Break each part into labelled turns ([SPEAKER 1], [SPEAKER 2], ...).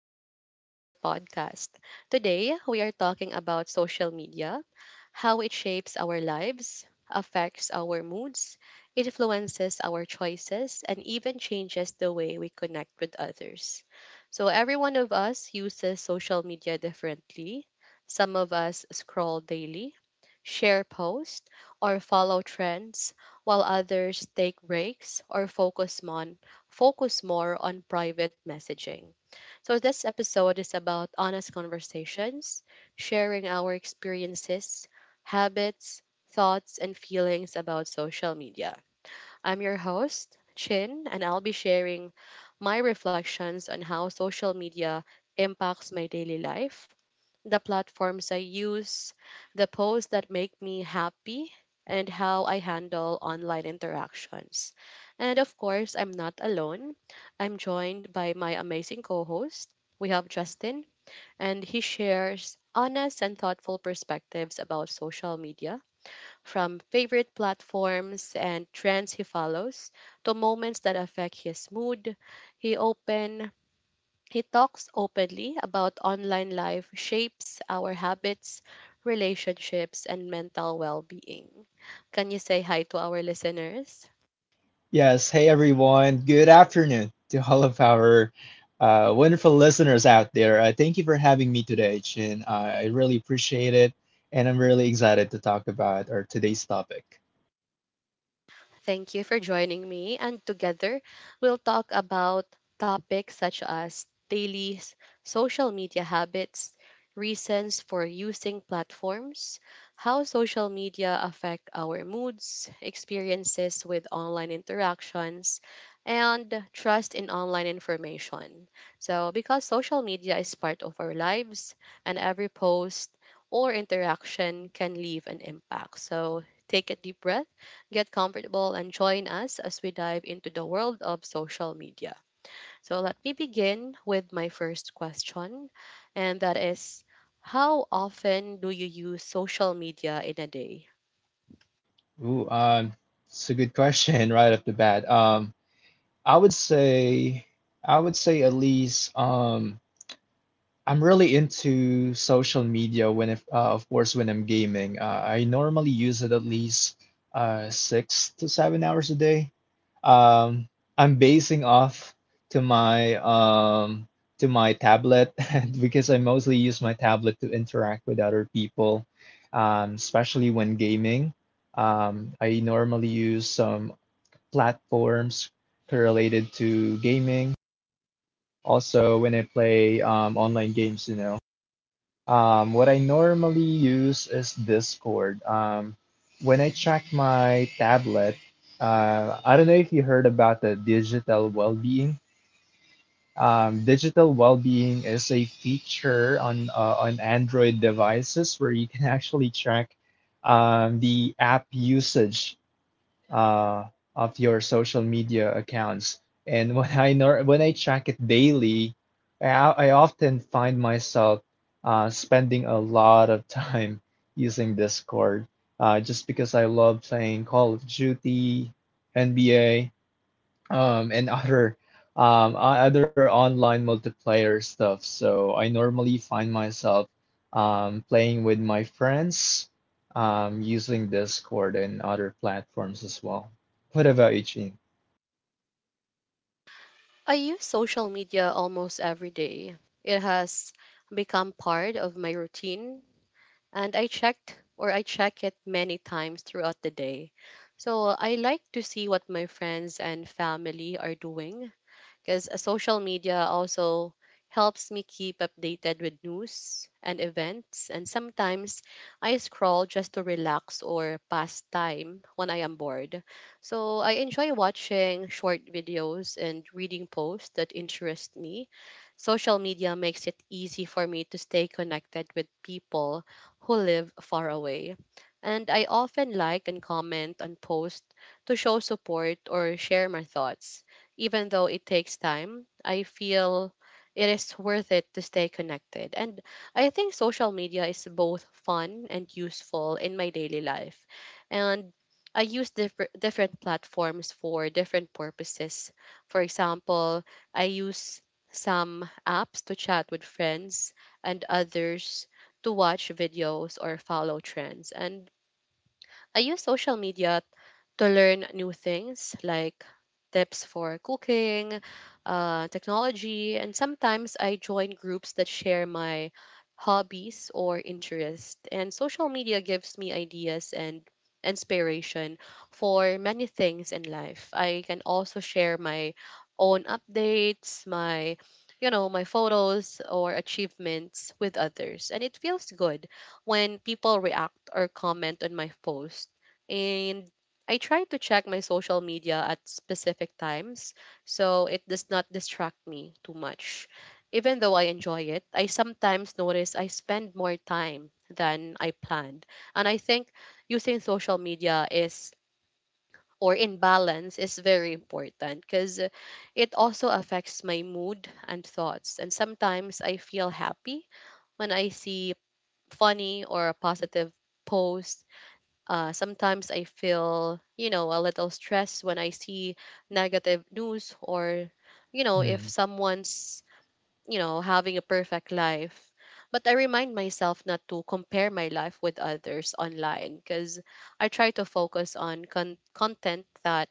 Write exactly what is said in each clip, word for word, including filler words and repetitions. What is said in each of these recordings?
[SPEAKER 1] welcome back to our podcast. Today, we are talking about social media, how it shapes our lives, affects our moods, influences our choices, and even changes the way we connect with others. So, every one of us uses social media differently. Some of us scroll daily, share posts, or follow trends, while others take breaks or focus on focus more on private messaging. So this episode is about honest conversations, sharing our experiences, habits, thoughts, and feelings about social media. I'm your host, Chin, and I'll be sharing my reflections on how social media impacts my daily life, the platforms I use, the posts that make me happy, and how I handle online interactions. And of course, I'm not alone. I'm joined by my amazing co host. We have Justin, and he shares honest and thoughtful perspectives about social media from favorite platforms and trends he follows to moments that affect his mood. He open he talks openly about online life shapes our habits, relationships, and mental well-being. Can you say hi to our listeners?
[SPEAKER 2] Yes, hey everyone. Good afternoon to all of our uh, wonderful listeners out there. Uh, thank you for having me today, Chin. Uh, I really appreciate it, and I'm really excited to talk about our today's topic.
[SPEAKER 1] Thank you for joining me. And together, we'll talk about topics such as daily s- social media habits, reasons for using platforms, how social media affect our moods, experiences with online interactions, and trust in online information. So, because social media is part of our lives, and every post or interaction can leave an impact. So, take a deep breath. Get comfortable and join us as we dive into the world of social media. So, let me begin with my first question, and that is, how often do you use social media in a day?
[SPEAKER 2] Ooh, um, it's a good question right off the bat. Um, I would say, I would say at least, um, I'm really into social media when, if, uh, of course, when I'm gaming. Uh, I normally use it at least uh, six to seven hours a day. Um, I'm basing off to my um to my tablet because I mostly use my tablet to interact with other people, um, especially when gaming. Um, I normally use some platforms related to gaming. Also, when I play um, online games, you know. Um, what I normally use is Discord. Um, when I check my tablet, uh, I don't know if you heard about the digital well-being. Um, digital well-being is a feature on uh, on Android devices where you can actually track um, the app usage uh, of your social media accounts. And when I nor when I check it daily, I, I often find myself uh, spending a lot of time using Discord uh, just because I love playing Call of Duty, N B A, um, and other um, o- other online multiplayer stuff. So I normally find myself um, playing with my friends um, using Discord and other platforms as well. What about you, Gene?
[SPEAKER 1] I use social media almost every day. It has become part of my routine, and I checked or I check it many times throughout the day. So I like to see what my friends and family are doing because social media also helps me keep updated with news and events. And sometimes I scroll just to relax or pass time when I am bored. So I enjoy watching short videos and reading posts that interest me. Social media makes it easy for me to stay connected with people who live far away. And I often like and comment on posts to show support or share my thoughts even though it takes time, I feel it is worth it to stay connected. And I think social media is both fun and useful in my daily life. And I use different different platforms for different purposes. For example, I use some apps to chat with friends and others to watch videos or follow trends. And I use social media to learn new things like tips for cooking, uh, technology, and sometimes I join groups that share my hobbies or interests. And social media gives me ideas and inspiration for many things in life. I can also share my own updates, my you know, my photos or achievements with others. And it feels good when people react or comment on my post and I try to check my social media at specific times so it does not distract me too much. Even though I enjoy it, I sometimes notice I spend more time than I planned. And I think using social media is or in balance is very important because it also affects my mood and thoughts. And sometimes I feel happy when I see funny or a positive posts uh, sometimes I feel, you know, a little stressed when I see negative news or, you know, if
[SPEAKER 2] Hmm,
[SPEAKER 1] someone's you know, having a perfect life. But I remind myself not to compare my life with others online because I try to focus on con- content that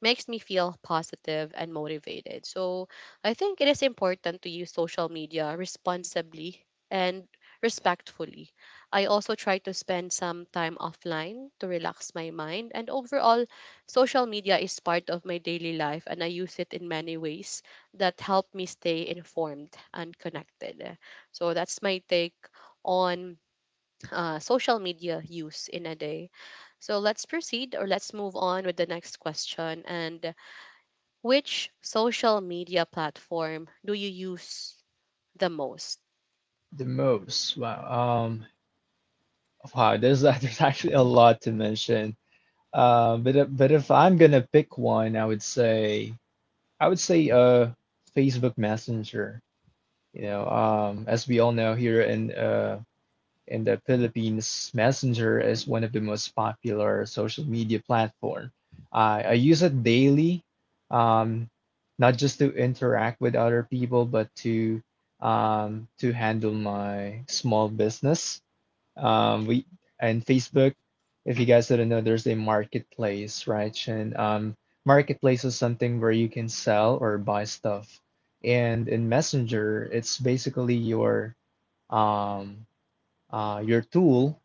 [SPEAKER 1] makes me feel positive and motivated. So I think it is important to use social media responsibly and respectfully. I also try to spend some time offline to relax my mind. And overall, social media is part of my daily life and I use it in many ways that help me stay informed and connected. So that's my take on uh, social media use in a day. So let's proceed or let's move on with the next question. And which social media platform do you use the most?
[SPEAKER 2] the most. Wow. Um, wow. There's there's actually a lot to mention. Uh, but if- but if I'm gonna pick one, I would say I would say uh Facebook Messenger. You know, um, as we all know here in uh in the Philippines, Messenger is one of the most popular social media platform. I I use it daily, um, not just to interact with other people, but to um, to handle my small business. Um, we and Facebook, if you guys didn't know, there's a marketplace, right? And um, marketplace is something where you can sell or buy stuff. And in Messenger, it's basically your um, uh, your tool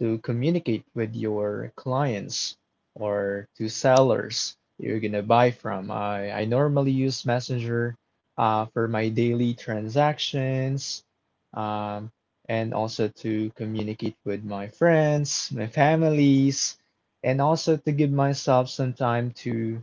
[SPEAKER 2] to communicate with your clients or to sellers you're gonna buy from. I, I normally use Messenger uh, for my daily transactions um, and also to communicate with my friends, my families, and also to give myself some time to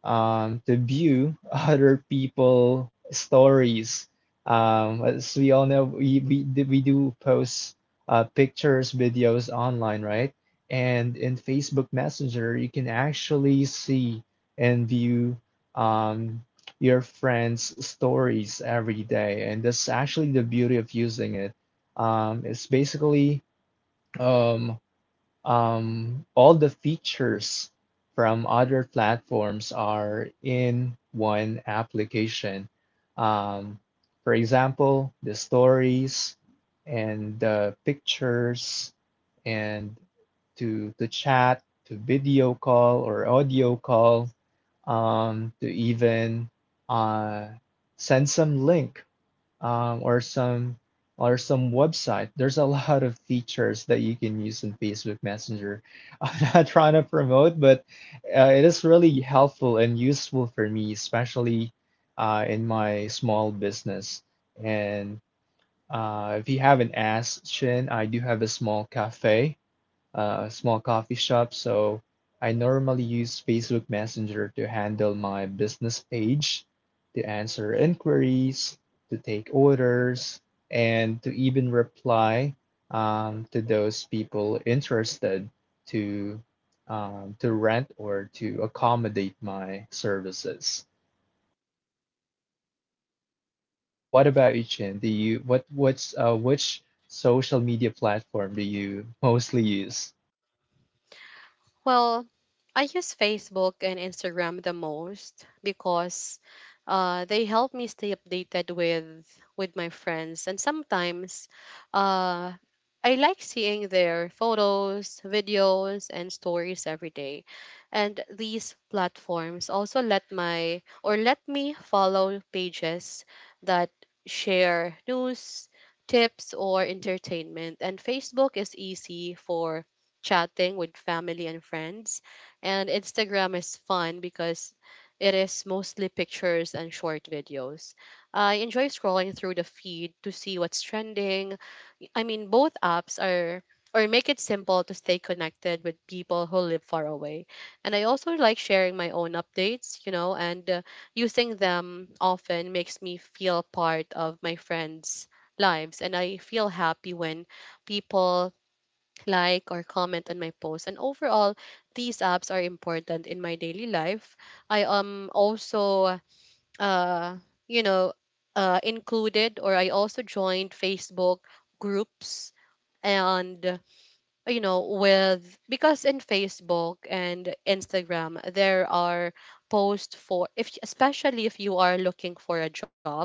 [SPEAKER 2] um, to view other people stories. Um, as we all know, we we, we do post uh, pictures, videos online, right? And in Facebook Messenger, you can actually see and view um, your friends' stories every day, and that's actually the beauty of using it. Um, it's basically um, um, all the features from other platforms are in one application. Um, for example, the stories and the pictures and to to chat, to video call or audio call, um, to even uh, send some link um, or some or some website. There's a lot of features that you can use in Facebook Messenger. I'm not trying to promote, but uh, it is really helpful and useful for me, especially uh, in my small business. And uh, if you haven't asked, Shin, I do have a small cafe, uh, a small coffee shop, so I normally use Facebook Messenger to handle my business page, to answer inquiries, to take orders, and to even reply um, to those people interested to um, to rent or to accommodate my services. What about you, Chin? Do you what what's uh, Which social media platform do you mostly use?
[SPEAKER 1] Well, I use Facebook and Instagram the most because uh, they help me stay updated with with my friends, and sometimes uh, I like seeing their photos, videos, and stories every day. And these platforms also let my or let me follow pages that share news, tips, or entertainment. And Facebook is easy for chatting with family and friends. And Instagram is fun because it is mostly pictures and short videos. I enjoy scrolling through the feed to see what's trending. I mean, both apps are or make it simple to stay connected with people who live far away. And I also like sharing my own updates, you know, and uh, using them often makes me feel part of my friends' lives. And I feel happy when people like or comment on my post. And overall, these apps are important in my daily life. I um also uh you know uh included or I also joined Facebook groups and uh, you know with because in Facebook and Instagram there are posts for if especially if you are looking for a job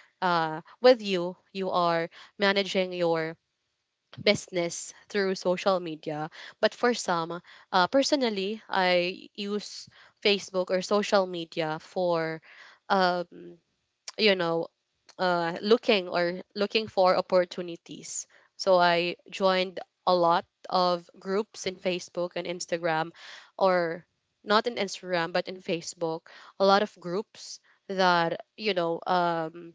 [SPEAKER 1] uh with you you are managing your business through social media. But for some, uh, personally, I use Facebook or social media for, um, you know, uh, looking or looking for opportunities. So I joined a lot of groups in Facebook and Instagram, or not in Instagram but in Facebook, a lot of groups that you know um,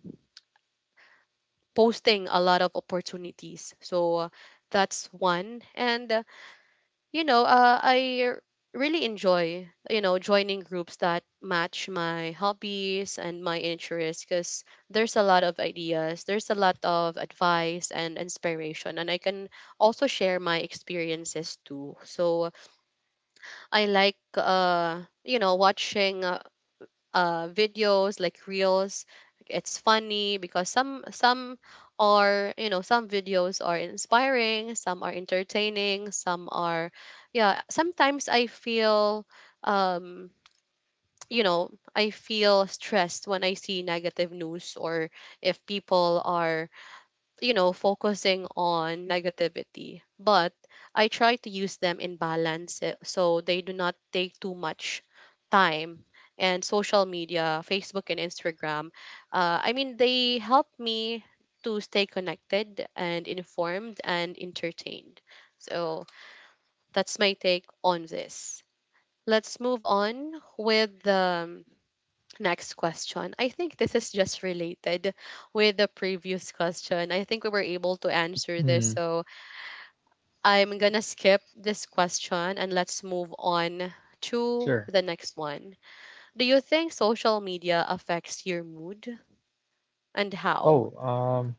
[SPEAKER 1] posting a lot of opportunities. So uh, that's one and you know, uh, I r- really enjoy, you know, joining groups that match my hobbies and my interests because there's a lot of ideas, there's a lot of advice and inspiration, and I can also share my experiences too. So I like, uh, you know, watching. Uh, uh, videos like reels. It's funny because some some are you know some videos are inspiring, some are entertaining, some are yeah. Sometimes I feel um, you know I feel stressed when I see negative news or if people are you know, focusing on negativity, but I try to use them in balance eh, so they do not take too much time. And social media, Facebook and Instagram, uh, I mean, they help me to stay connected and informed and entertained. So that's my take on this. Let's move on with the um, next question. I think this is just related with the previous question. I think we were able to answer
[SPEAKER 2] Hmm,
[SPEAKER 1] this. So I'm going to skip this question and let's move on to
[SPEAKER 2] sure.
[SPEAKER 1] the next one. Do you think social media affects your mood and how?
[SPEAKER 2] Oh, Um.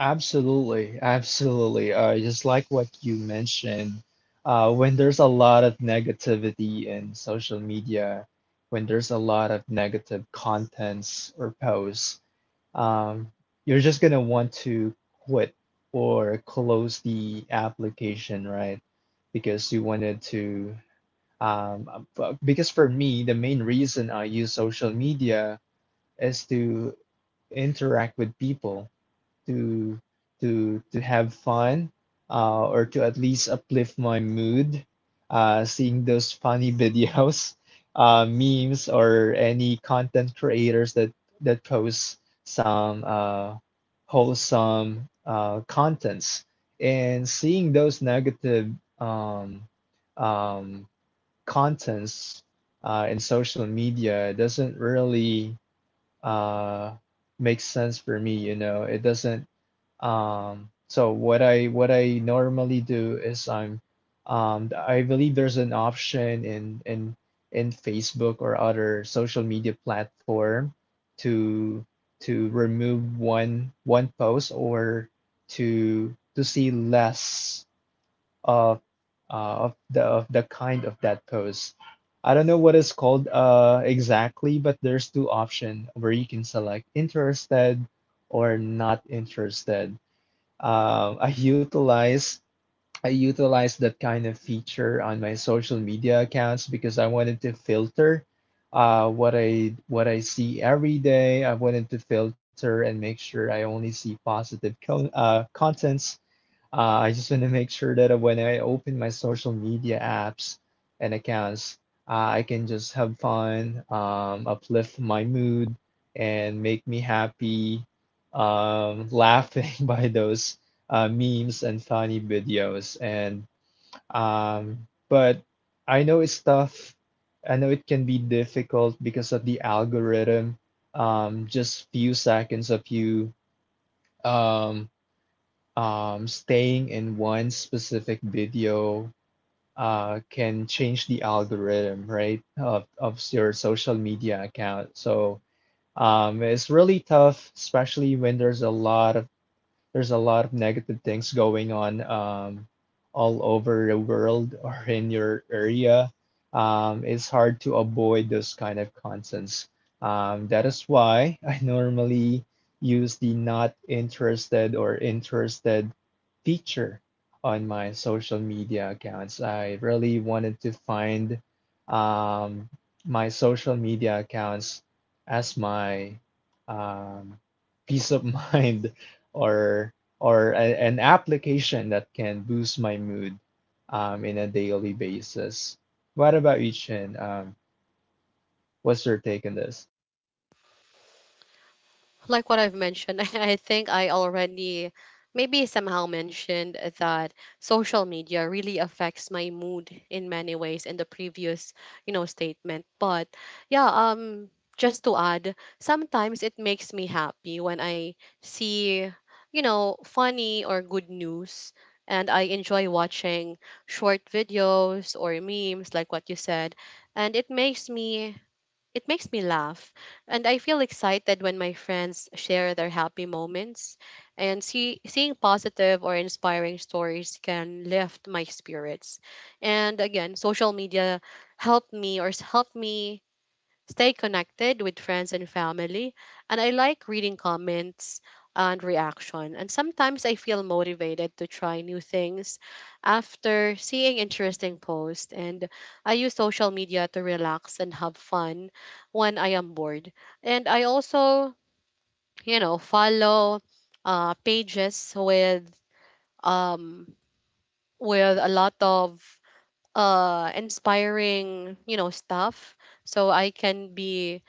[SPEAKER 2] Absolutely, absolutely. Uh, just like what you mentioned, uh, when there's a lot of negativity in social media, when there's a lot of negative contents or posts, um, you're just gonna want to quit or close the application, right? Because you wanted to, um, uh, b- because for me, the main reason I use social media is to interact with people to to to have fun uh, or to at least uplift my mood, uh, seeing those funny videos, uh, memes or any content creators that that post some uh, wholesome uh, contents. And seeing those negative um, um, contents uh, in social media doesn't really uh, make sense for me, you know, it doesn't. Um, so what I what I normally do is I'm um, I believe there's an option in in in Facebook or other social media platform to to remove one one post or to to see less of uh, of the of the kind of that post. I don't know what it's called uh exactly, but there's two option where you can select interested or not interested. Um, I utilize I utilize that kind of feature on my social media accounts because I wanted to filter uh, what I what I see every day. I wanted to filter and make sure I only see positive con uh, contents. Uh, I just want to make sure that when I open my social media apps and accounts, uh, I can just have fun, um, uplift my mood, and make me happy, um, laughing by those uh, memes and funny videos. And um, but I know it's tough. I know it can be difficult because of the algorithm. Um, just few seconds of you. Um, um, Staying in one specific video uh, can change the algorithm, right, of, of your social media account. So um, it's really tough, especially when there's a lot of there's a lot of negative things going on, um, all over the world or in your area. Um, it's hard to avoid those kind of contents. Um, that is why I normally use the not interested or interested feature on my social media accounts. I really wanted to find um, my social media accounts as my um, peace of mind, or or a, an application that can boost my mood um, in a daily basis. What about you, Chin? Um, what's your take on this?
[SPEAKER 1] Like what I've mentioned, I think I already maybe somehow mentioned that social media really affects my mood in many ways in the previous, you know, statement. But yeah, um just to add, sometimes it makes me happy when I see, you know, funny or good news and I enjoy watching short videos or memes like what you said and it makes me it makes me laugh, and I feel excited when my friends share their happy moments. And see, seeing positive or inspiring stories can lift my spirits. And again, social media helped me or s- helped me stay connected with friends and family, and I like reading comments and reaction. And sometimes I feel motivated to try new things after seeing interesting posts, and I use social media to relax and have fun when I am bored. And I also, you know, follow uh, pages with um with a lot of uh inspiring, you know, stuff so I can be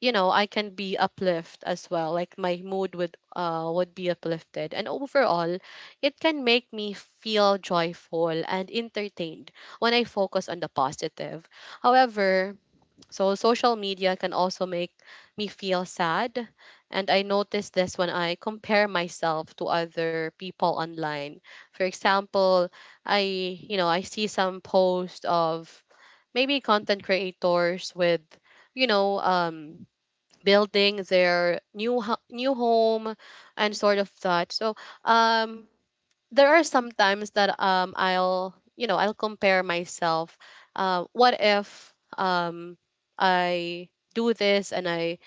[SPEAKER 1] you know I can be uplift as well like my mood would uh would be uplifted and overall it can make me feel joyful and entertained when I focus on the positive. However, so social media can also make me feel sad and I notice this when I compare myself to other people online. For example, I you know I see some post of maybe content creators with you know um building their new ho- new home and sort of that. So um, there are some times that um, I'll you know I'll compare myself. Uh, what if um, I do this and I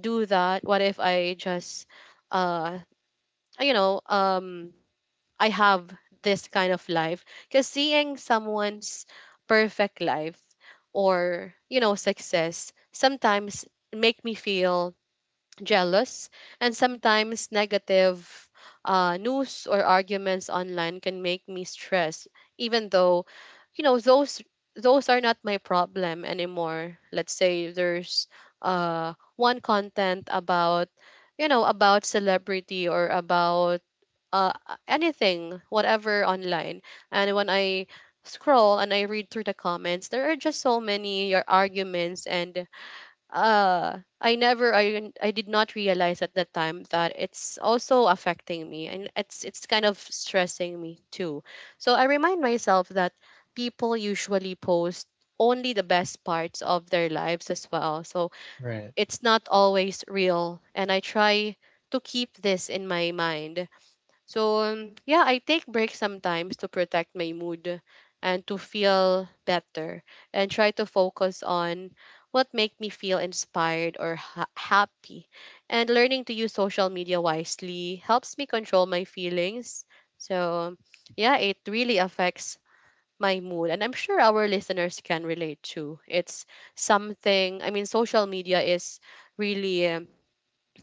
[SPEAKER 1] do that? What if I just uh, you know um, I have this kind of life? Because seeing someone's perfect life or you know success sometimes make me feel jealous, and sometimes negative uh, news or arguments online can make me stress, even though, you know, those those are not my problem anymore. Let's say there's uh, one content about, you know, about celebrity or about uh, anything, whatever online, and when I scroll and I read through the comments, there are just so many your arguments and uh I never I I did not realize at that time that it's also affecting me and it's it's kind of stressing me too. So I remind myself that people usually post only the best parts of their lives as well, so
[SPEAKER 2] Right.
[SPEAKER 1] it's not always real and I try to keep this in my mind. So, um, yeah, I take breaks sometimes to protect my mood and to feel better and try to focus on what make me feel inspired or ha- happy. And learning to use social media wisely helps me control my feelings. So, yeah, it really affects my mood and I'm sure our listeners can relate too. It's something, I mean, social media is really um,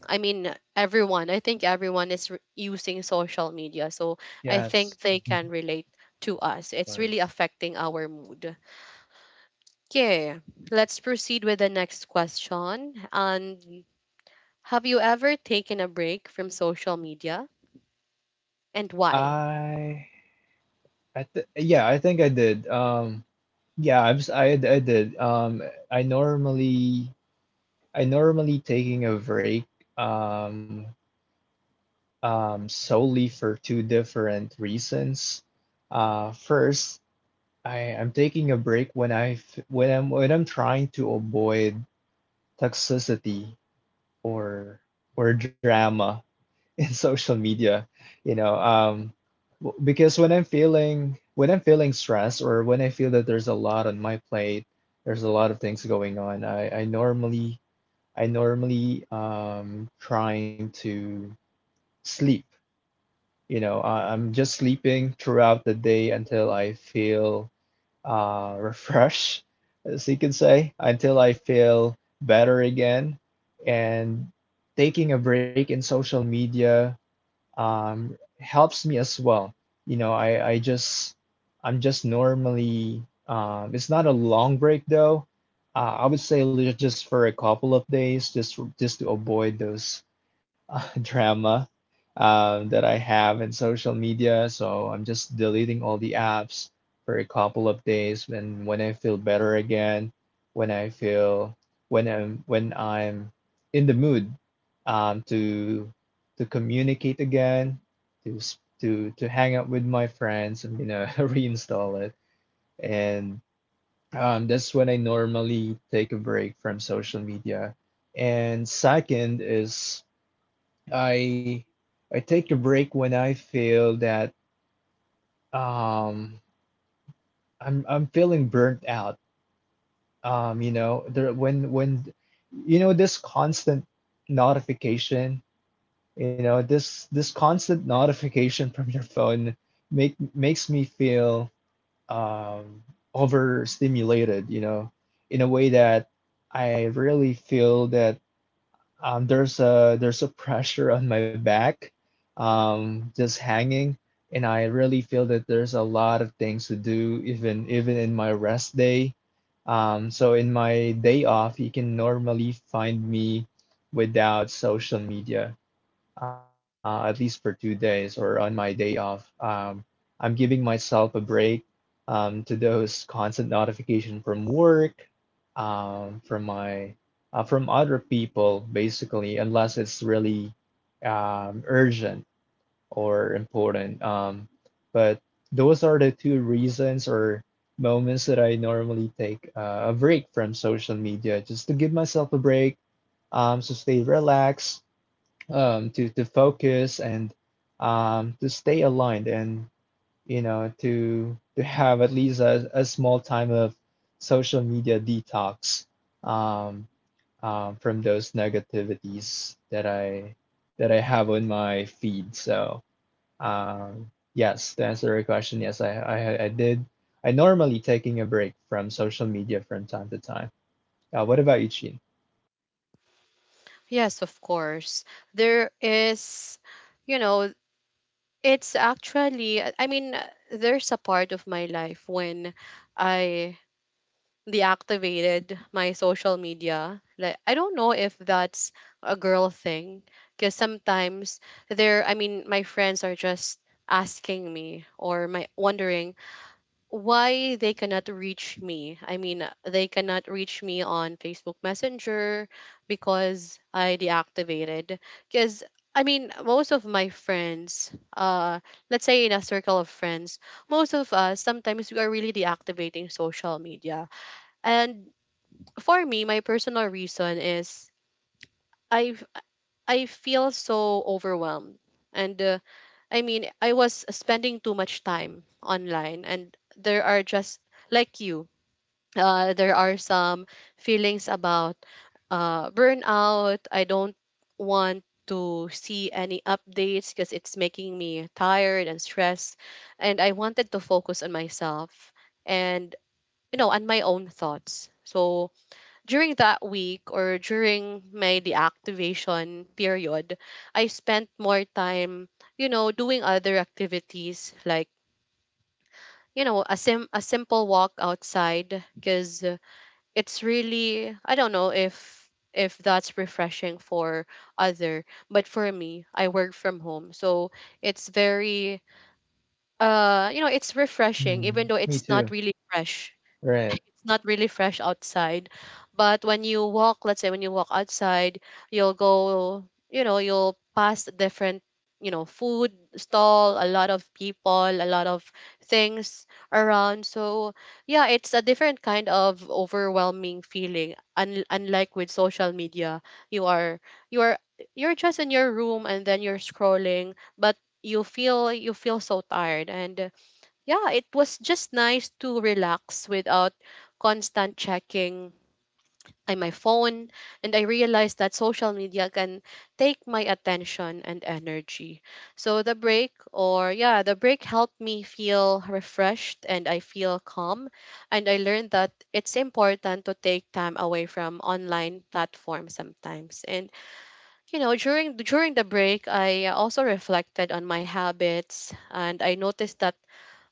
[SPEAKER 1] I mean, everyone, I think everyone is re- using social media. So I
[SPEAKER 2] Yes.
[SPEAKER 1] think they can relate to us. It's really
[SPEAKER 2] Once.
[SPEAKER 1] affecting our mood. Okay, let's proceed with the next question. And have you ever taken a break from social media and why?
[SPEAKER 2] I I th Yeah, I think I did. Um yeah, I'm, s- I I did. Um I normally I normally taking a break um um solely for two different reasons. Uh first, I am taking a break when I f- when I'm when I'm trying to avoid toxicity or or drama in social media, you know, um, w- because when I'm feeling when I'm feeling stressed or when I feel that there's a lot on my plate, there's a lot of things going on. I I normally I normally um trying to sleep, you know, I, I'm just sleeping throughout the day until I feel uh, refresh, as you can say, until I feel better again. And taking a break in social media um, helps me as well. You know, I, I just, I'm just normally, um, it's not a long break though. Uh, I would say li- just for a couple of days, just for- just to avoid those uh, drama um, that I have in social media. So I'm just deleting all the apps for a couple of days. When when I feel better again, when I feel when I'm when I'm in the mood um, to to communicate again, to s- to to hang out with my friends, I'm gonna reinstall it and. Um, that's when I normally take a break from social media. And second is I I take a break when I feel that um I'm I'm feeling burnt out. Um, you know, there when when you know this constant notification, you know, this this constant notification from your phone make makes me feel um overstimulated, you know, in a way that I really feel that Um, there's a there's a pressure on my back, um, just hanging, and I really feel that there's a lot of things to do even even in my rest day. Um, so in my day off, you can normally find me without social media uh, at least for two days or on my day off. Um, I'm giving myself a break um, to those constant notification from work, um, from my uh, from other people, basically, unless it's really um, urgent or important. Um, but those are the two reasons or moments that I normally take uh, a break from social media, just to give myself a break, um, to stay relaxed, um, to to focus, and um, to stay aligned and you know to to have at least a, a small time of social media detox, um, um, from those negativities that I that I have on my feed. So um, yes, to answer your question, yes, I, I I did. I normally taking a break from social media from time to time. Uh, what about you, Chin?
[SPEAKER 1] Yes, of course. There is, you know, it's actually, I mean, there's a part of my life when I deactivated my social media. Like I don't know if that's a girl thing, because sometimes there, I mean, my friends are just asking me or my wondering why they cannot reach me. I mean they cannot reach me on Facebook Messenger because I deactivated. Because I mean most of my friends uh let's say in a circle of friends, most of us sometimes we are really deactivating social media. And for me, my personal reason is I I feel so overwhelmed, and uh, I mean I was spending too much time online, and there are just like you, uh, there are some feelings about uh, burnout. I don't want to see any updates because it's making me tired and stressed, and I wanted to focus on myself and you know on my own thoughts. So during that week or during my deactivation period, I spent more time, you know, doing other activities like, you know, a sim a simple walk outside, because it's really I don't know if if that's refreshing for other, but for me, I work from home. So it's very uh you know, it's refreshing even
[SPEAKER 2] Hmm,
[SPEAKER 1] though
[SPEAKER 2] me
[SPEAKER 1] it's not
[SPEAKER 2] too.
[SPEAKER 1] really fresh.
[SPEAKER 2] Right.
[SPEAKER 1] It's not really fresh outside, but when you walk, let's say when you walk outside, you'll go, you know, you'll pass different, you know, food stall, a lot of people, a lot of things around. So yeah, it's a different kind of overwhelming feeling. Un- unlike with social media, you are you are you're just in your room and then you're scrolling, but you feel you feel so tired. And yeah, it was just nice to relax without constant checking on my phone. And I realized that social media can take my attention and energy. So the break, or yeah, the break helped me feel refreshed and I feel calm. And I learned that it's important to take time away from online platforms sometimes. And you know, during during the break, I also reflected on my habits and I noticed that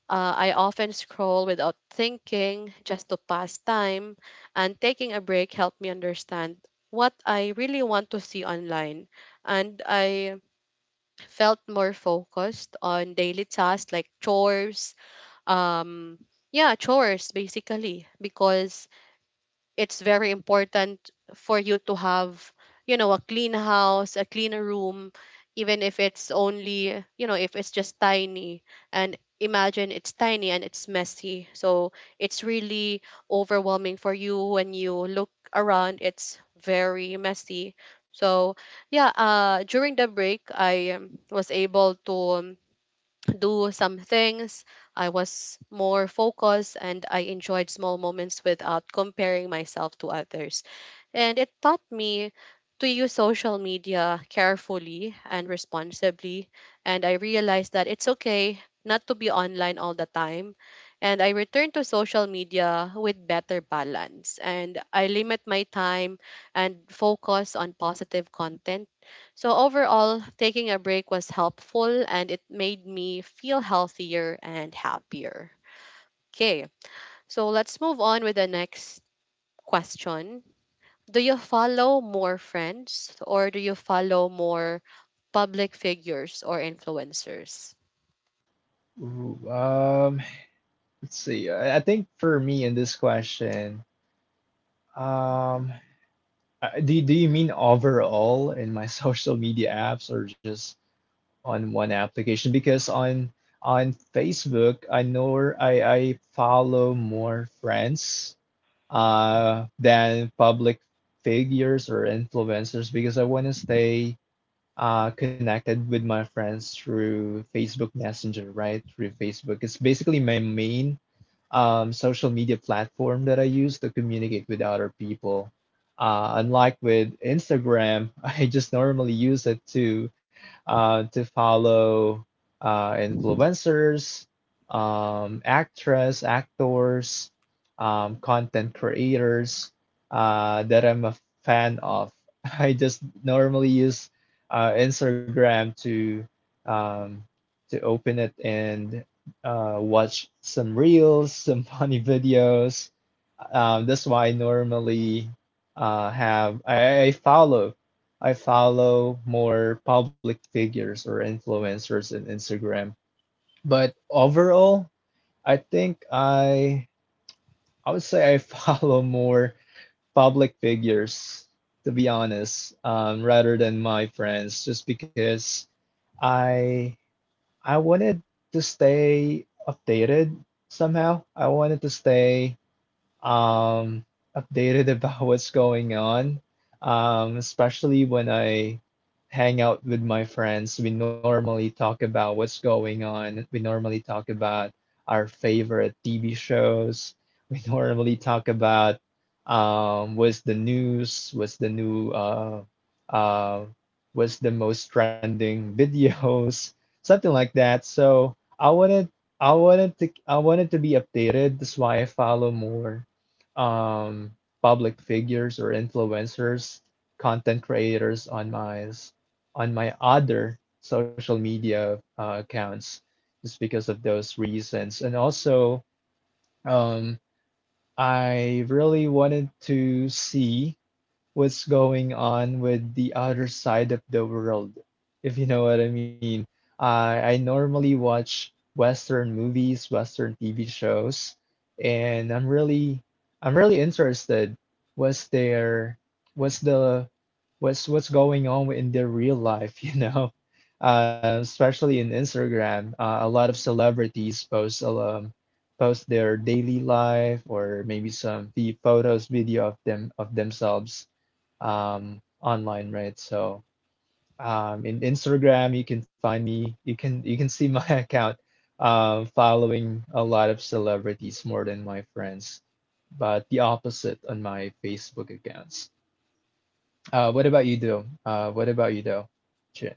[SPEAKER 1] uh, I often scroll without thinking just to pass time, and taking a break helped me understand what I really want to see online. And I felt more focused on daily tasks like chores, um, yeah, chores basically, because it's very important for you to have, you know, a clean house, a clean room, even if it's only, you know, if it's just tiny, and imagine it's tiny and it's messy. So it's really overwhelming for you when you look around, it's very messy. So yeah, uh during the break I um, was able to um, do some things. I was more focused and I enjoyed small moments without comparing myself to others. And it taught me to use social media carefully and responsibly. And I realized that it's okay not to be online all the time. And I returned to social media with better balance. And I limit my time and focus on positive content. So, overall, taking a break was helpful and it made me feel healthier and happier. Okay, so let's move on with the next question. Do you follow more friends or do you follow more public figures or influencers?
[SPEAKER 2] Ooh, um, Let's see. I I think for me in this question, um, I- do do you mean overall in my social media apps or just on one application? Because on on Facebook, I know I I follow more friends uh than public figures or influencers because I want to stay uh connected with my friends through Facebook Messenger, right? Through Facebook. It's basically my main um, social media platform that I use to communicate with other people. Uh, unlike with Instagram, I just normally use it to uh, to follow uh, influencers, um, actress, actors, um, content creators uh, that I'm a fan of. I just normally use uh, Instagram to um, to open it and uh, watch some reels, some funny videos. Um, that's why I normally uh, have I, I follow I follow more public figures or influencers in Instagram. But overall, I think I I would say I follow more public figures, to be honest, um, rather than my friends, just because I I wanted to stay updated somehow. I wanted to stay um updated about what's going on. Um, especially when I hang out with my friends, we normally talk about what's going on. We normally talk about our favorite T V shows. We normally talk about um what's the news, what's the new uh uh what's the most trending videos, something like that. So I wanted I wanted to I wanted to be updated. That's why I follow more um, public figures or influencers, content creators on my s- on my other social media uh, accounts just because of those reasons. And also, um, I really wanted to see what's going on with the other side of the world, if you know what I mean. I I normally watch Western movies, Western T V shows, and I'm really I'm really interested what's there, what's the what's what's going on in their real life, you know? Uh, especially in Instagram, uh, a lot of celebrities post um, post their daily life or maybe some the photos, video of them of themselves um, online, right? So um, in Instagram, you can find me. You can you can see my account um, following a lot of celebrities more than my friends, but the opposite on my Facebook accounts. Uh, what about you, though? Uh, what about you, though? Chin?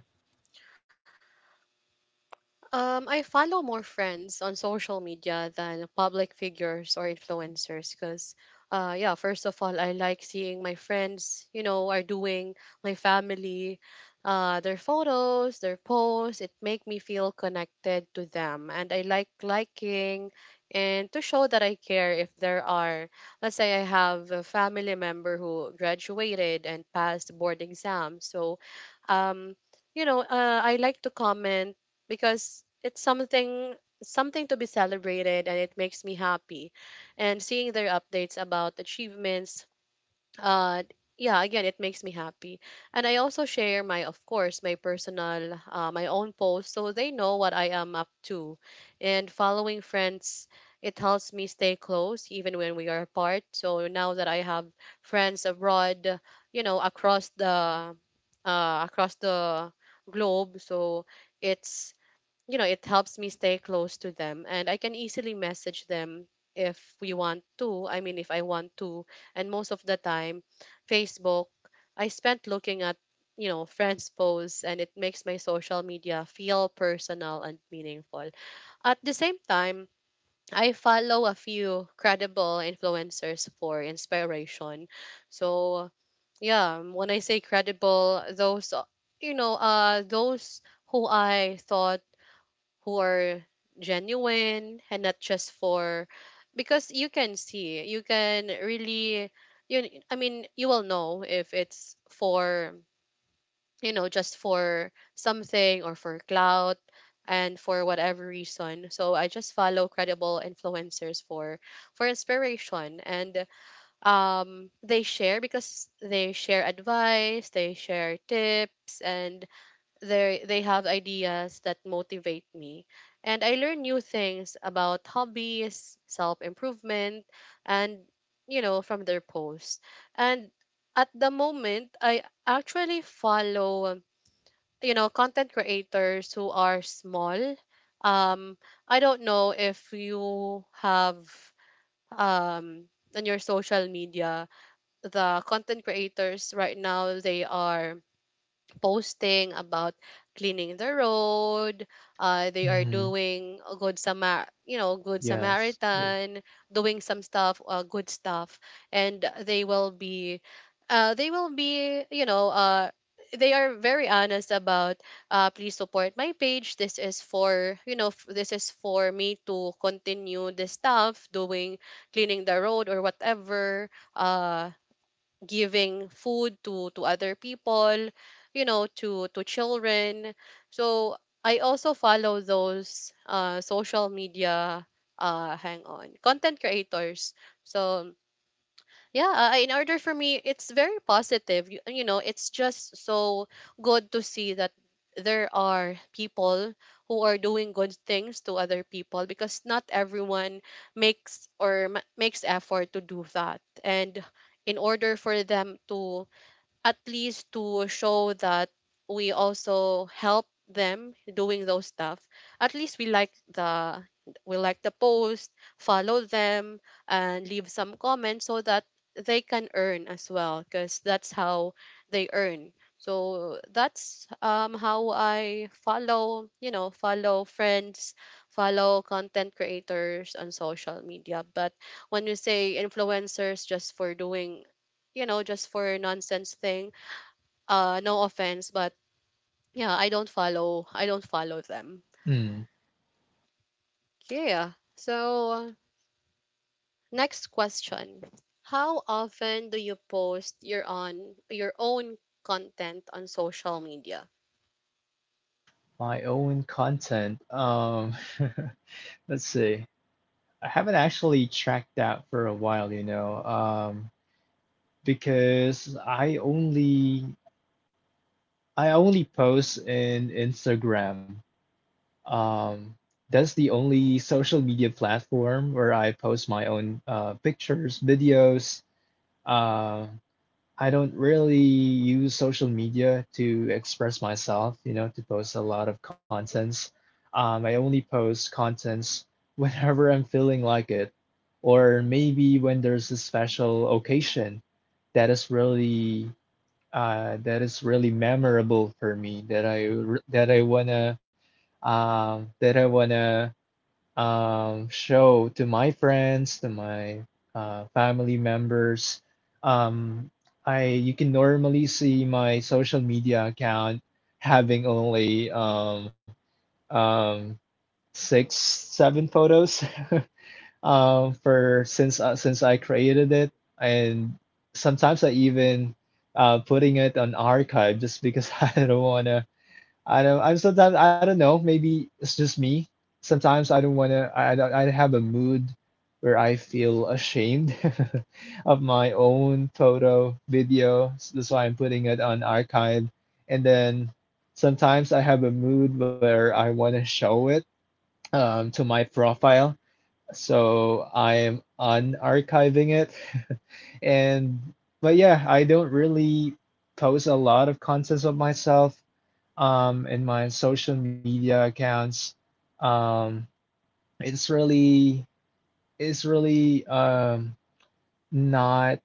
[SPEAKER 1] Um, I follow more friends on social media than public figures or influencers because, uh, yeah, first of all, I like seeing my friends, you know, are doing, my family, uh, their photos, their posts. It make me feel connected to them, and I like liking and to show that I care. If there are, let's say, I have a family member who graduated and passed board exams, so um, you know, uh, I like to comment because it's something, something to be celebrated and it makes me happy. And seeing their updates about achievements, uh yeah, again it makes me happy. And I also share my, of course, my personal uh, my own posts, so they know what I am up to. And following friends, it helps me stay close even when we are apart. So now that I have friends abroad, you know, across the uh, across the globe. So it's, you know, it helps me stay close to them and I can easily message them if we want to. I mean, if I want to. And most of the time, Facebook, I spent looking at, you know, friends' posts, and it makes my social media feel personal and meaningful. At the same time, I follow a few credible influencers for inspiration. So, yeah, when I say credible, those, uh, you know, uh, those who I thought, who are genuine and not just for, because you can see, you can really, you, I mean, you will know if it's for, you know, just for something or for clout and for whatever reason. So I just follow credible influencers for for inspiration. And um they share, because they share advice, they share tips, and they they have ideas that motivate me, and I learn new things about hobbies, self improvement, and you know, from their posts. And at the moment I actually follow, you know, content creators who are small. um I don't know if you have um on your social media the content creators right now, they are posting about cleaning the road. Uh, they are
[SPEAKER 2] Mm,
[SPEAKER 1] doing a good Samar, you know, good
[SPEAKER 2] yes, good.
[SPEAKER 1] Samaritan, doing some stuff, uh, good stuff, and they will be, uh, they will be, you know, uh, they are very honest about, uh, please support my page. This is for, you know, f- this is for me to continue this stuff, doing cleaning the road or whatever. Uh, giving food to to other people, you know, to to children. So I also follow those uh social media, uh hang on, content creators. So yeah, uh, in order, for me it's very positive. you, you know, it's just so good to see that there are people who are doing good things to other people, because not everyone makes or ma- makes effort to do that. And in order for them to, at least to show that we also help them doing those stuff, at least we like the, we like the post, follow them, and leave some comments, so that they can earn as well, because that's how they earn. So that's um how I follow, you know, follow friends, follow content creators on social media. But when you say influencers just for doing, you know, just for nonsense thing, uh, no offense, but yeah, I don't follow. I don't follow them.
[SPEAKER 2] Mm,
[SPEAKER 1] Yeah. So next question: how often do you post your on your own content on social media?
[SPEAKER 2] my own content. Um, let's see. I haven't actually tracked that for a while, you know, um, because I only I only post in Instagram. Um, that's the only social media platform where I post my own uh, pictures, videos. Uh, I don't really use social media to express myself, you know, to post a lot of contents. Um, I only post contents whenever I'm feeling like it, or maybe when there's a special occasion that is really uh, that is really memorable for me that I r- that I wanna um, that I wanna um, show to my friends, to my uh, family members. Um, I, you can normally see my social media account having only um, um, six, seven photos. um for since uh, since I created it, and sometimes I even uh putting it on archive just because I don't wanna I don't I'm sometimes I don't know, maybe it's just me. Sometimes I don't wanna I don't I have a mood where I feel ashamed of my own photo video, so that's why I'm putting it on archive. And then sometimes I have a mood where I wanna show it um to my profile, so I am unarchiving it. And but yeah, I don't really post a lot of contents of myself um in my social media accounts. Um, it's really it's really um not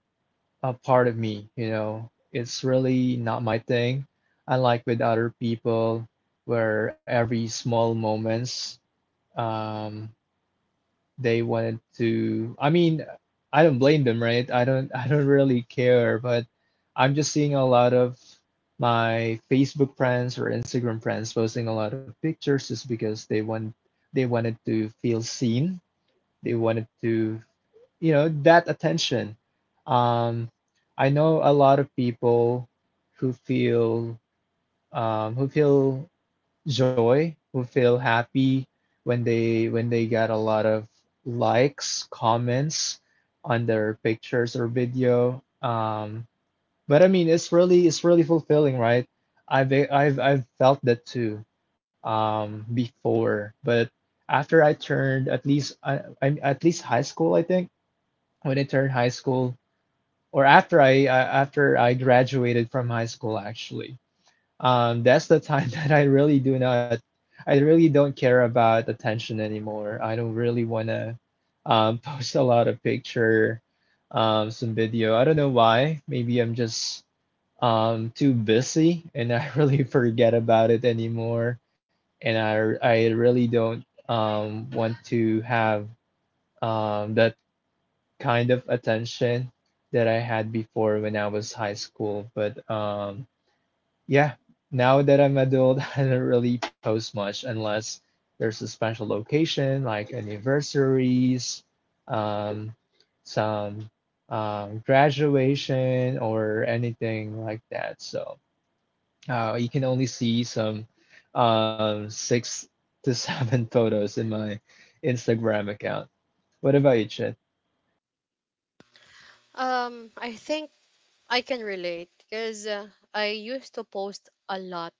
[SPEAKER 2] a part of me, you know. It's really not my thing. Unlike with other people where every small moments um they wanted to, i mean, I don't blame them, right? I don't I don't really care, but I'm just seeing a lot of my Facebook friends or Instagram friends posting a lot of pictures just because they want they wanted to feel seen. They wanted to, you know, that attention. um I know a lot of people who feel um who feel joy, who feel happy when they when they get a lot of likes, comments on their pictures or video. Um, but I mean, it's really it's really fulfilling, right? I've I've I've felt that too um, before, but after I turned at least uh, I, I'm at least high school, I think. When I turned high school, or after I uh, after I graduated from high school actually, um, that's the time that I really do not, I really don't care about attention anymore. I don't really want to um, post a lot of picture, um, some video. I don't know why. Maybe I'm just um, too busy and I really forget about it anymore. And I, I really don't um, want to have um, that kind of attention that I had before when I was high school. But um, yeah, now that I'm adult, I don't really post much unless there's a special location like anniversaries, um, some um, graduation or anything like that. So uh, you can only see some um, six to seven photos in my Instagram account. What about you, Chad?
[SPEAKER 1] Um, I think I can relate because uh, I used to post a lot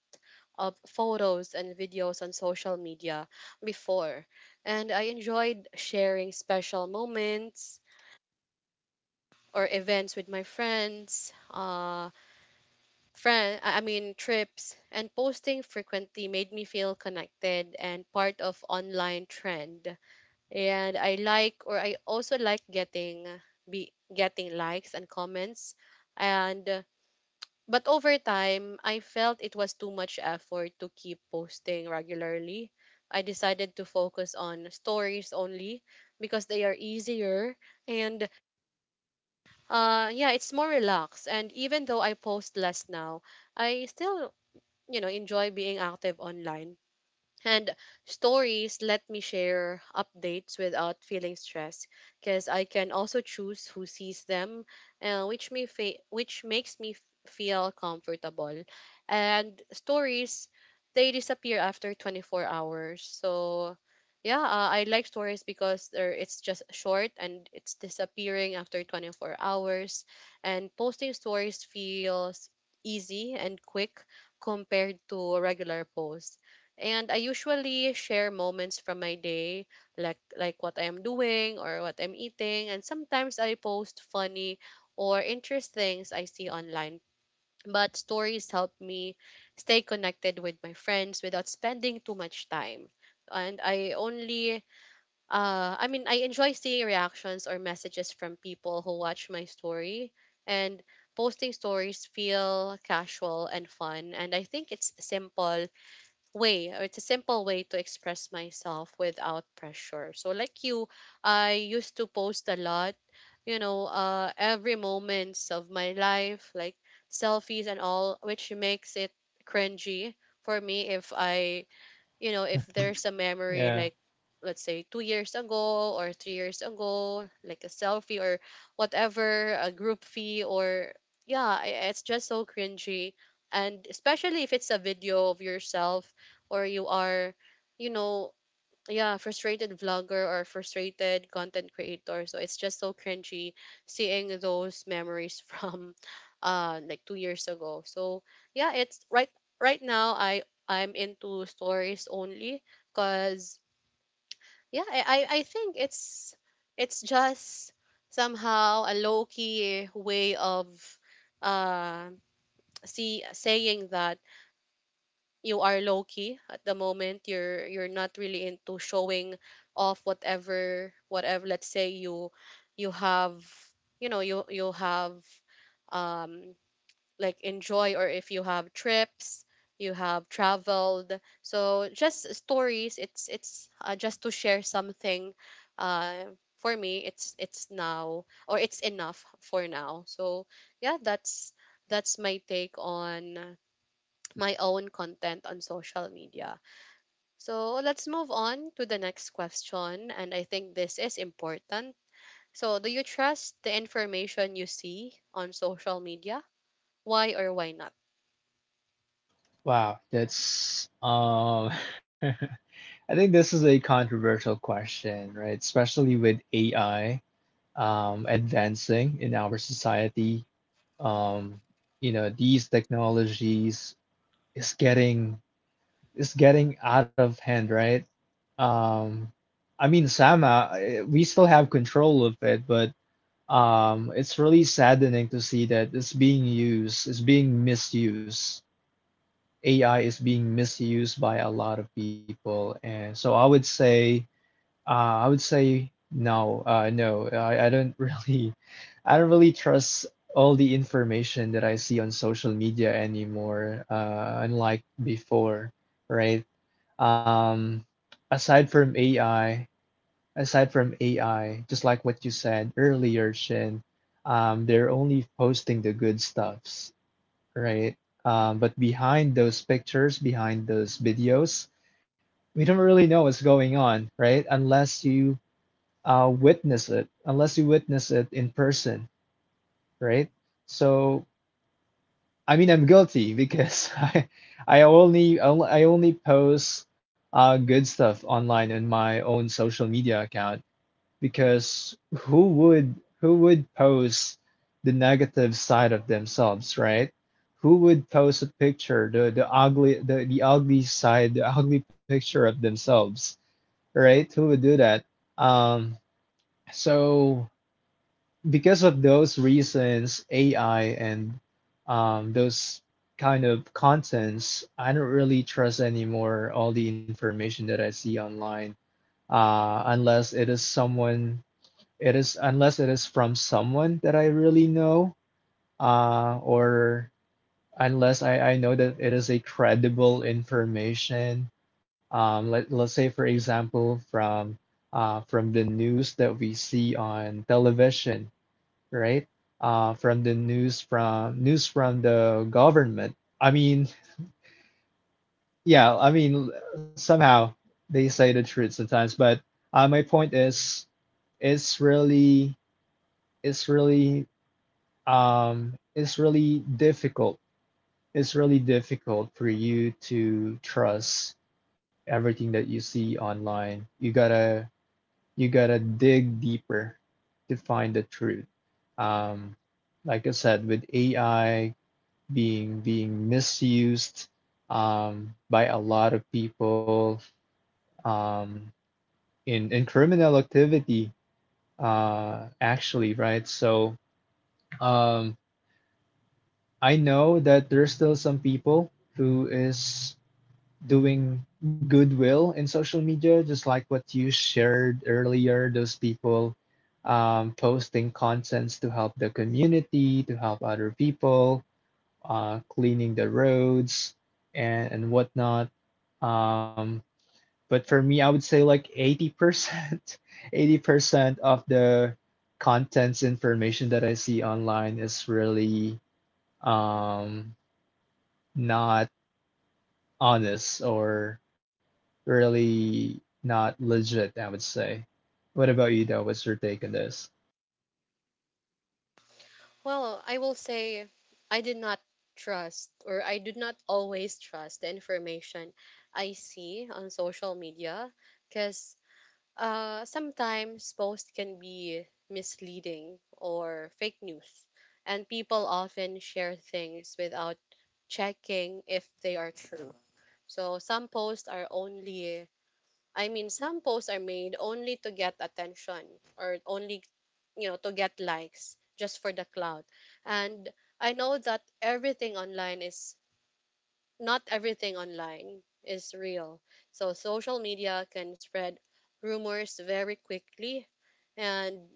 [SPEAKER 1] of photos and videos on social media before, and I enjoyed sharing special moments or events with my friends. Uh friend I I mean trips, and posting frequently made me feel connected and part of online trend. And I like or I also like getting, be getting likes and comments, and uh, but over time I felt it was too much effort to keep posting regularly. I decided to focus on stories only because they are easier and uh yeah, it's more relaxed. And even though I post less now, I still, you know, enjoy being active online. And stories let me share updates without feeling stressed because I can also choose who sees them, uh, which me fa- which makes me f- feel comfortable. And stories, they disappear after twenty-four hours. So yeah, uh, I like stories because they're, it's just short and it's disappearing after twenty-four hours. And posting stories feels easy and quick compared to a regular post. And I usually share moments from my day, like like what I am doing or what I'm eating. And sometimes I post funny or interesting things I see online. But stories help me stay connected with my friends without spending too much time. And I only, uh, I mean, I enjoy seeing reactions or messages from people who watch my story. And posting stories feel casual and fun. And I think it's simple way or it's a simple way to express myself without pressure. So like you, I used to post a lot, you know, uh every moments of my life, like selfies and all, which makes it cringy for me, if I you know, if there's a memory,
[SPEAKER 2] Yeah.
[SPEAKER 1] like let's say two years ago or three years ago, like a selfie or whatever, a group fee or yeah, i- it's just so cringy. And especially if it's a video of yourself, or you are, you know, yeah, frustrated vlogger or frustrated content creator, so it's just so cringy seeing those memories from uh like two years ago. So yeah it's right Right now, i I'm into stories only because yeah I, I I think it's it's just somehow a low-key way of uh see saying that you are low key at the moment. You're you're not really into showing off. Whatever whatever let's say you you have you know you you have um like enjoy, or if you have trips, you have traveled, so just stories. It's it's uh, just to share something. uh for me, it's it's now, or it's enough for now. So yeah, that's that's my take on my own content on social media. So let's move on to the next question. And I think this is important. So, do you trust the information you see on social media? Why or why not?
[SPEAKER 2] Wow, that's um I think this is a controversial question, right? Especially with A I um, advancing in our society. Um, you know, these technologies is getting is getting out of hand, right? Um, I mean, Sama, eh, we still have control of it, but um, it's really saddening to see that it's being used, it's being misused. A I is being misused by a lot of people, and so I would say. Uh, I would say no. Uh, no, I, I don't really, I don't really trust all the information that I see on social media anymore, uh, unlike before, right? Um, aside from A I, Aside from A I, just like what you said earlier, Shin, um, they're only posting the good stuffs, right? Um, but behind those pictures, behind those videos, we don't really know what's going on, right? Unless you uh, witness it unless you witness it in person, right? So I mean, I'm guilty because I I only I only post uh, good stuff online in my own social media account because who would who would post the negative side of themselves, right? Who would post a picture, the the ugly the, the ugly side, the ugly picture of themselves, right? Who would do that? Um, so because of those reasons, A I and um, those kind of contents, I don't really trust anymore all the information that I see online, uh, unless it is someone, it is unless it is from someone that I really know, uh, or unless I, I know that it is a credible information. Um, let, let's say, for example, from uh, from the news that we see on television, right? Uh, from the news from news from the government. I mean, yeah, I mean somehow they say the truth sometimes, but uh, my point is, it's really, it's really, um, it's really difficult. It's really difficult for you to trust everything that you see online. You gotta, you gotta dig deeper to find the truth. Um, like I said, with A I being being misused um, by a lot of people um, in in criminal activity, uh, actually, right? So um, I know that there's still some people who is doing goodwill in social media, just like what you shared earlier. Those people um, posting contents to help the community, to help other people, uh, cleaning the roads and, and whatnot. Um, but for me, I would say like eighty percent, eighty percent of the contents information that I see online is really um, not honest or really not legit, I would say. What about you, though? What's your take on this?
[SPEAKER 1] Well, I will say I did not trust, or I do not always trust the information I see on social media because Uh, sometimes posts can be misleading or fake news, and people often share things without checking if they are true. So some posts are only, I mean, some posts are made only to get attention, or only, you know, to get likes just for the clout. And I know that everything online is not everything online is real. So social media can spread rumors very quickly, and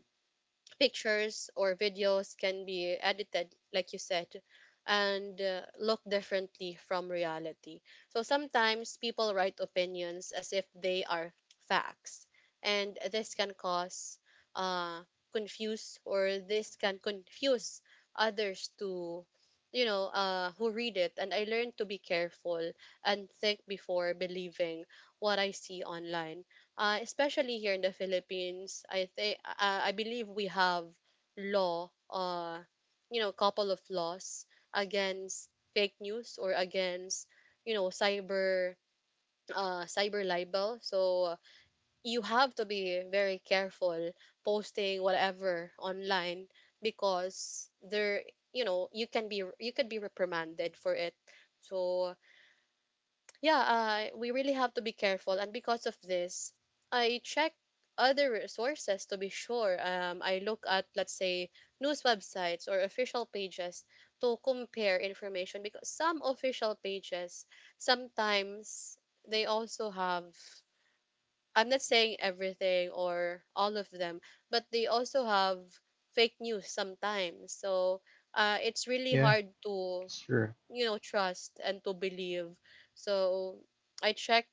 [SPEAKER 1] pictures or videos can be edited, like you said, and uh, look differently from reality. So sometimes people write opinions as if they are facts, and this can cause, uh, confuse or this can confuse others to you know uh, who read it. And I learned to be careful and think before believing what I see online, uh, especially here in the Philippines. I think, uh, I believe we have law, uh, you know, couple of laws against fake news, or against you know cyber, uh, cyber libel. So you have to be very careful posting whatever online because there, you know you can be you could be reprimanded for it. So yeah, uh, we really have to be careful. And because of this, I check other resources to be sure. Um, I look at, let's say, news websites or official pages to compare information, because some official pages sometimes they also have. I'm not saying everything or all of them, but they also have fake news sometimes. So uh, it's really
[SPEAKER 2] Yeah,
[SPEAKER 1] hard to
[SPEAKER 2] it's true.
[SPEAKER 1] you know trust and to believe. So I check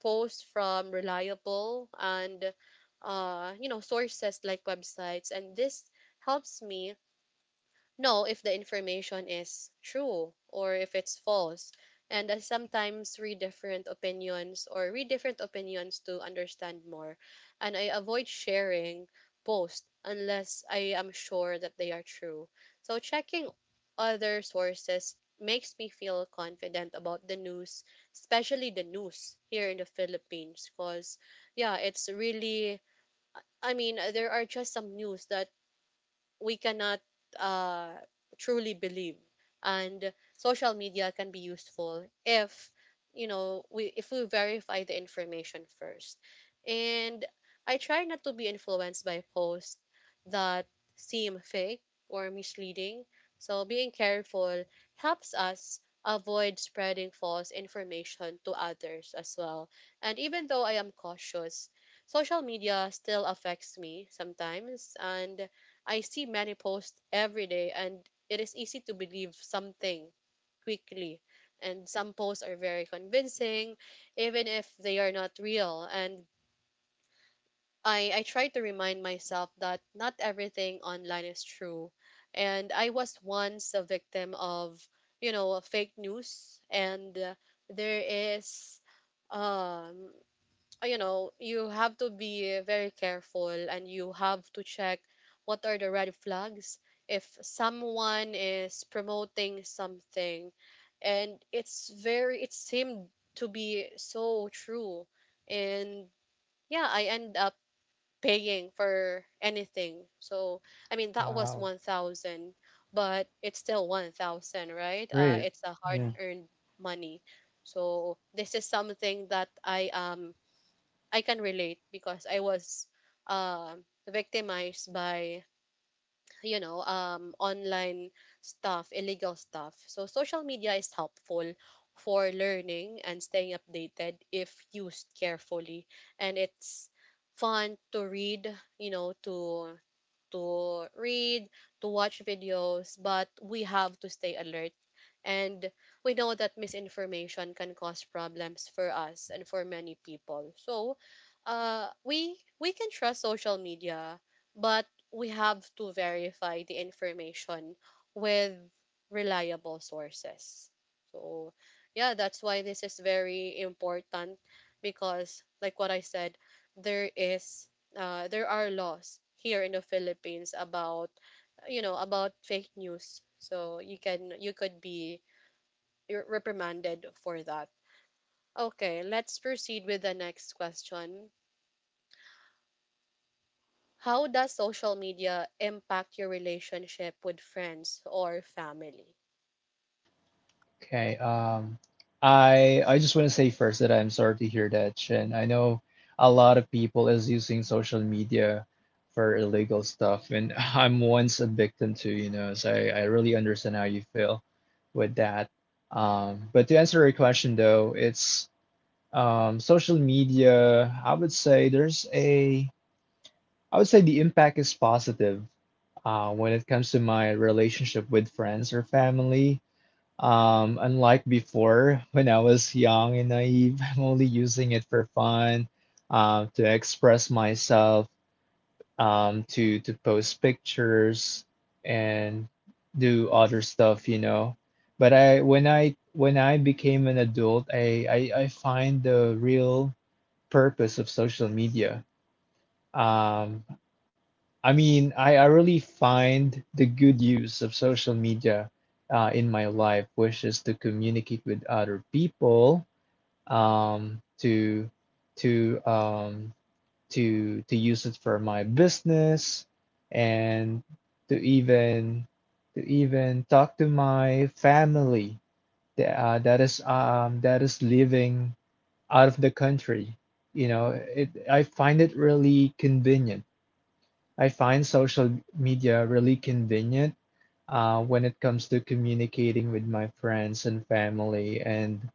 [SPEAKER 1] posts from reliable and uh you know sources like websites, and this helps me know if the information is true or if it's false. And I sometimes read different opinions or read different opinions to understand more. And I avoid sharing posts unless I am sure that they are true. So checking other sources makes me feel confident about the news, especially the news here in the Philippines. Because, yeah, it's really, I mean, there are just some news that we cannot uh, truly believe. And social media can be useful if you know we if we verify the information first. And I try not to be influenced by posts that seem fake or misleading. So being careful helps us avoid spreading false information to others as well. And even though I am cautious, social media still affects me sometimes, and I see many posts every day, and it is easy to believe something quickly. And some posts are very convincing, even if they are not real. And I, I try to remind myself that not everything online is true. And I was once a victim of, you know, fake news. And uh, there is um uh, you know, you have to be very careful, and you have to check what are the red flags if someone is promoting something and it's very it seemed to be so true, and yeah, I end up paying for anything. So I mean, that was
[SPEAKER 2] Wow.
[SPEAKER 1] one thousand. But it's still one thousand, right? Uh,
[SPEAKER 2] Great.
[SPEAKER 1] it's a hard
[SPEAKER 2] Yeah.
[SPEAKER 1] earned money. So this is something that i am I can relate, because I was um victimized by you know um online stuff, illegal stuff. So social media is helpful for learning and staying updated if used carefully, and it's fun to read, you know to to read to watch videos. But we have to stay alert, and we know that misinformation can cause problems for us and for many people. So uh we we can trust social media, but we have to verify the information with reliable sources. So, yeah, that's why this is very important, because like what I said, there is uh, there are laws here in the Philippines about you know about fake news. So you can you could be re- reprimanded for that. Okay, let's proceed with the next question. How does social media impact your relationship with friends or family?
[SPEAKER 2] Okay. Um, I I just want to say first that I'm sorry to hear that, Chen. I know a lot of people is using social media for illegal stuff, and I'm once a victim too, you know, so I, I really understand how you feel with that. Um, but to answer your question though, it's um, social media, I would say there's a I would say the impact is positive uh, when it comes to my relationship with friends or family, um, unlike before, when I was young and naive, I'm only using it for fun, uh, to express myself, um, to to post pictures and do other stuff, you know. But I when I When I became an adult, I I, I find the real purpose of social media. Um, I mean, I, I really find the good use of social media uh, in my life, which is to communicate with other people, um, to to um, to to use it for my business, and to even to even talk to my family that uh, that is um that is living out of the country. You know, it I find it really convenient. I find social media really convenient uh, when it comes to communicating with my friends and family. And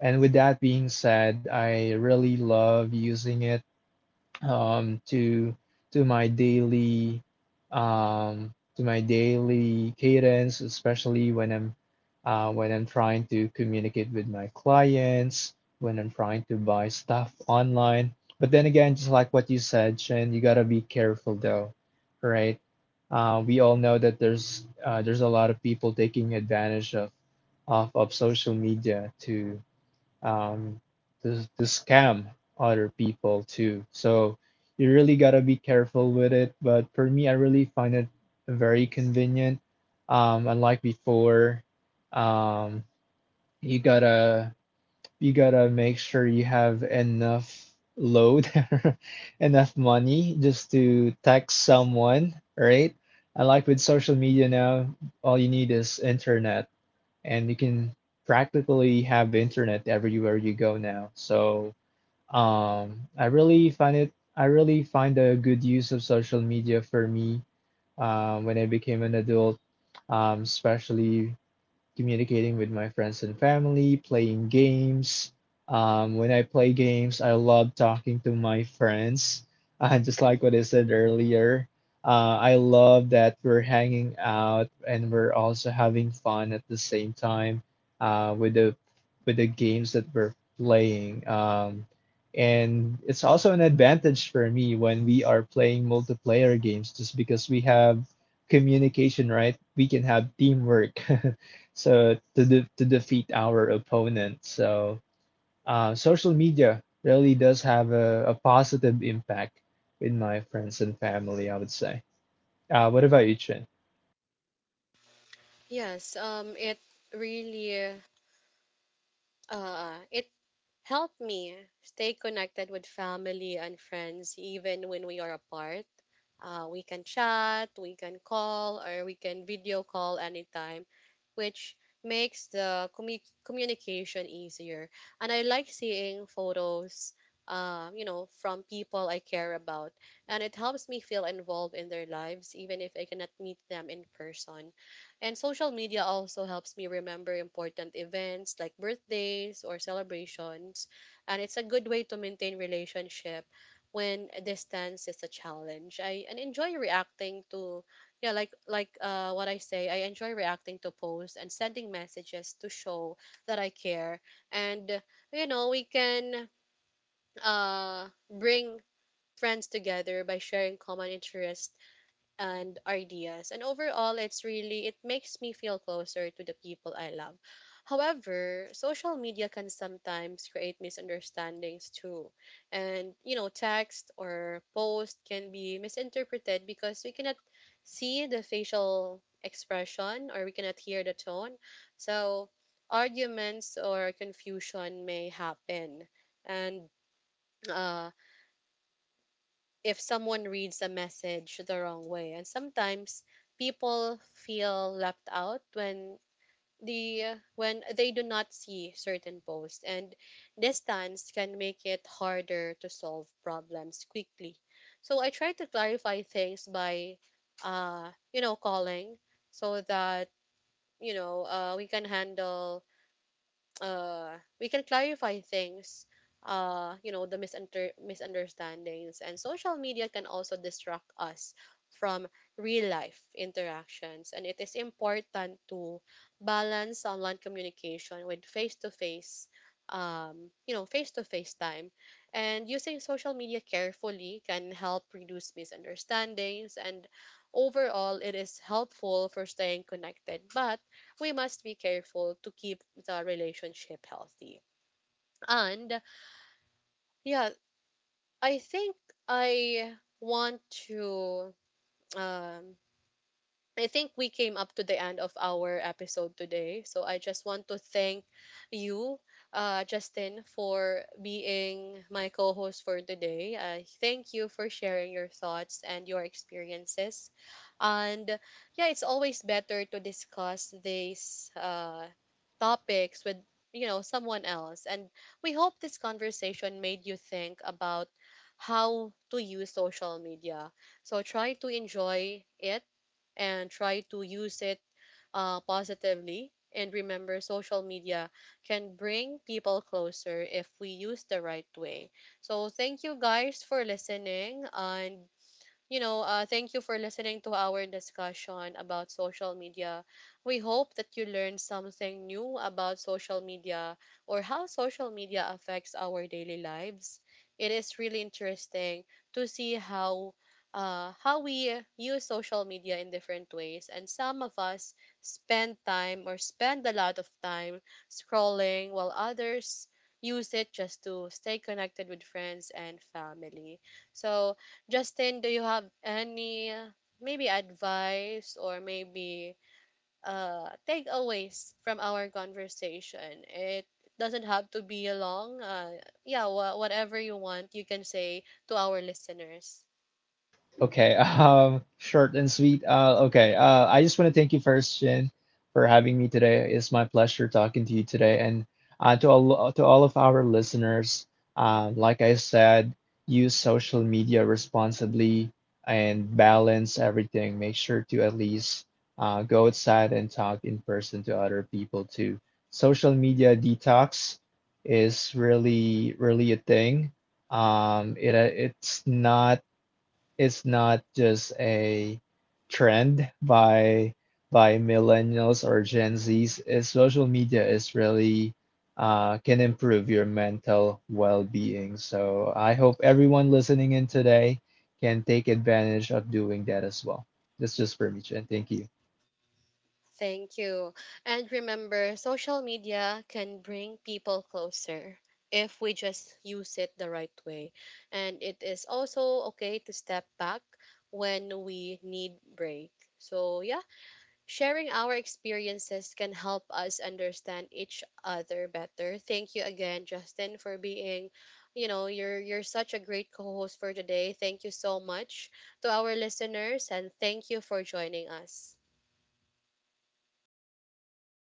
[SPEAKER 2] and with that being said, I really love using it um, to to my daily um, to my daily cadence, especially when I'm uh, when I'm trying to communicate with my clients, when I'm trying to buy stuff online. But then again, just like what you said, Shen, you gotta be careful though, right? Uh, we all know that there's uh, There's a lot of people taking advantage of of, of social media to um, to, to scam other people too. So you really gotta be careful with it. But for me, I really find it very convenient. Um, unlike before, um, you gotta you gotta make sure you have enough load, enough money just to text someone, right? Unlike with social media now, all you need is internet, and you can practically have internet everywhere you go now. So um, I really find it. I really find a good use of social media for me um, when I became an adult, um, especially communicating with my friends and family, playing games. Um, when I play games, I love talking to my friends. Uh, just like what I said earlier, uh, I love that we're hanging out, and we're also having fun at the same time uh, with the with the games that we're playing. Um, and it's also an advantage for me when we are playing multiplayer games, just because we have communication, right? We can have teamwork. So to de to defeat our opponent. So uh, social media really does have a, a positive impact with my friends and family, I would say. Uh, what about you, Chin?
[SPEAKER 1] Yes, um, it really, uh, it helped me stay connected with family and friends even when we are apart. Uh, we can chat, we can call, or we can video call anytime, which makes the commu- communication easier. And I like seeing photos, um, you know, from people I care about, and it helps me feel involved in their lives, even if I cannot meet them in person. And social media also helps me remember important events like birthdays or celebrations, and it's a good way to maintain relationships when a distance is a challenge. I and enjoy reacting to yeah, like like uh what I say, I enjoy reacting to posts and sending messages to show that I care. And you know, we can uh bring friends together by sharing common interests and ideas. And overall, it's really, it makes me feel closer to the people I love. However, social media can sometimes create misunderstandings too. And you know text or post can be misinterpreted because we cannot see the facial expression, or we cannot hear the tone. So arguments or confusion may happen, and uh if someone reads a message the wrong way. And sometimes people feel left out when the when they do not see certain posts, and distance can make it harder to solve problems quickly. So I try to clarify things by uh you know calling, so that you know uh we can handle uh, we can clarify things, uh, you know, the misunter- misunderstandings. And social media can also distract us from real life interactions. And it is important to balance online communication with face to face. Um, you know, face to face time, and using social media carefully can help reduce misunderstandings, and overall it is helpful for staying connected. But we must be careful to keep the relationship healthy. And yeah, I think I want to um, I think we came up to the end of our episode today. So I just want to thank you, uh, Justin, for being my co host for today. I thank you for sharing your thoughts and your experiences. And yeah, it's always better to discuss these uh, topics with you know someone else. And we hope this conversation made you think about how to use social media. So try to enjoy it, and try to use it uh, positively. And remember, social media can bring people closer if we use the right way. So, thank you guys for listening. And you know, uh, thank you for listening to our discussion about social media. We hope that you learned something new about social media, or how social media affects our daily lives. It is really interesting to see how. Uh, how we use social media in different ways, and some of us spend time or spend a lot of time scrolling, while others use it just to stay connected with friends and family. So Justin, do you have any uh, maybe advice, or maybe uh takeaways from our conversation? It doesn't have to be a long. Uh, yeah, wha whatever you want, you can say to our listeners.
[SPEAKER 2] Okay, um, short and sweet. Uh, okay, uh, I just want to thank you first, Shin, for having me today. It's my pleasure talking to you today, and uh, to all to all of our listeners. Um, like I said, use social media responsibly and balance everything. Make sure to at least uh, go outside and talk in person to other people too. Social media detox is really, really a thing. Um, it uh, it's not it's not just a trend by by millennials or Gen Zs. Is social media is really uh, can improve your mental well-being. So I hope everyone listening in today can take advantage of doing that as well. That's just for me, Chen. Thank you.
[SPEAKER 1] Thank you. And remember, social media can bring people closer if we just use it the right way. And it is also okay to step back when we need break. So, yeah, sharing our experiences can help us understand each other better. Thank you again, Justin, for being, you know, you're you're such a great co-host for today. Thank you so much to our listeners, and thank you for joining us.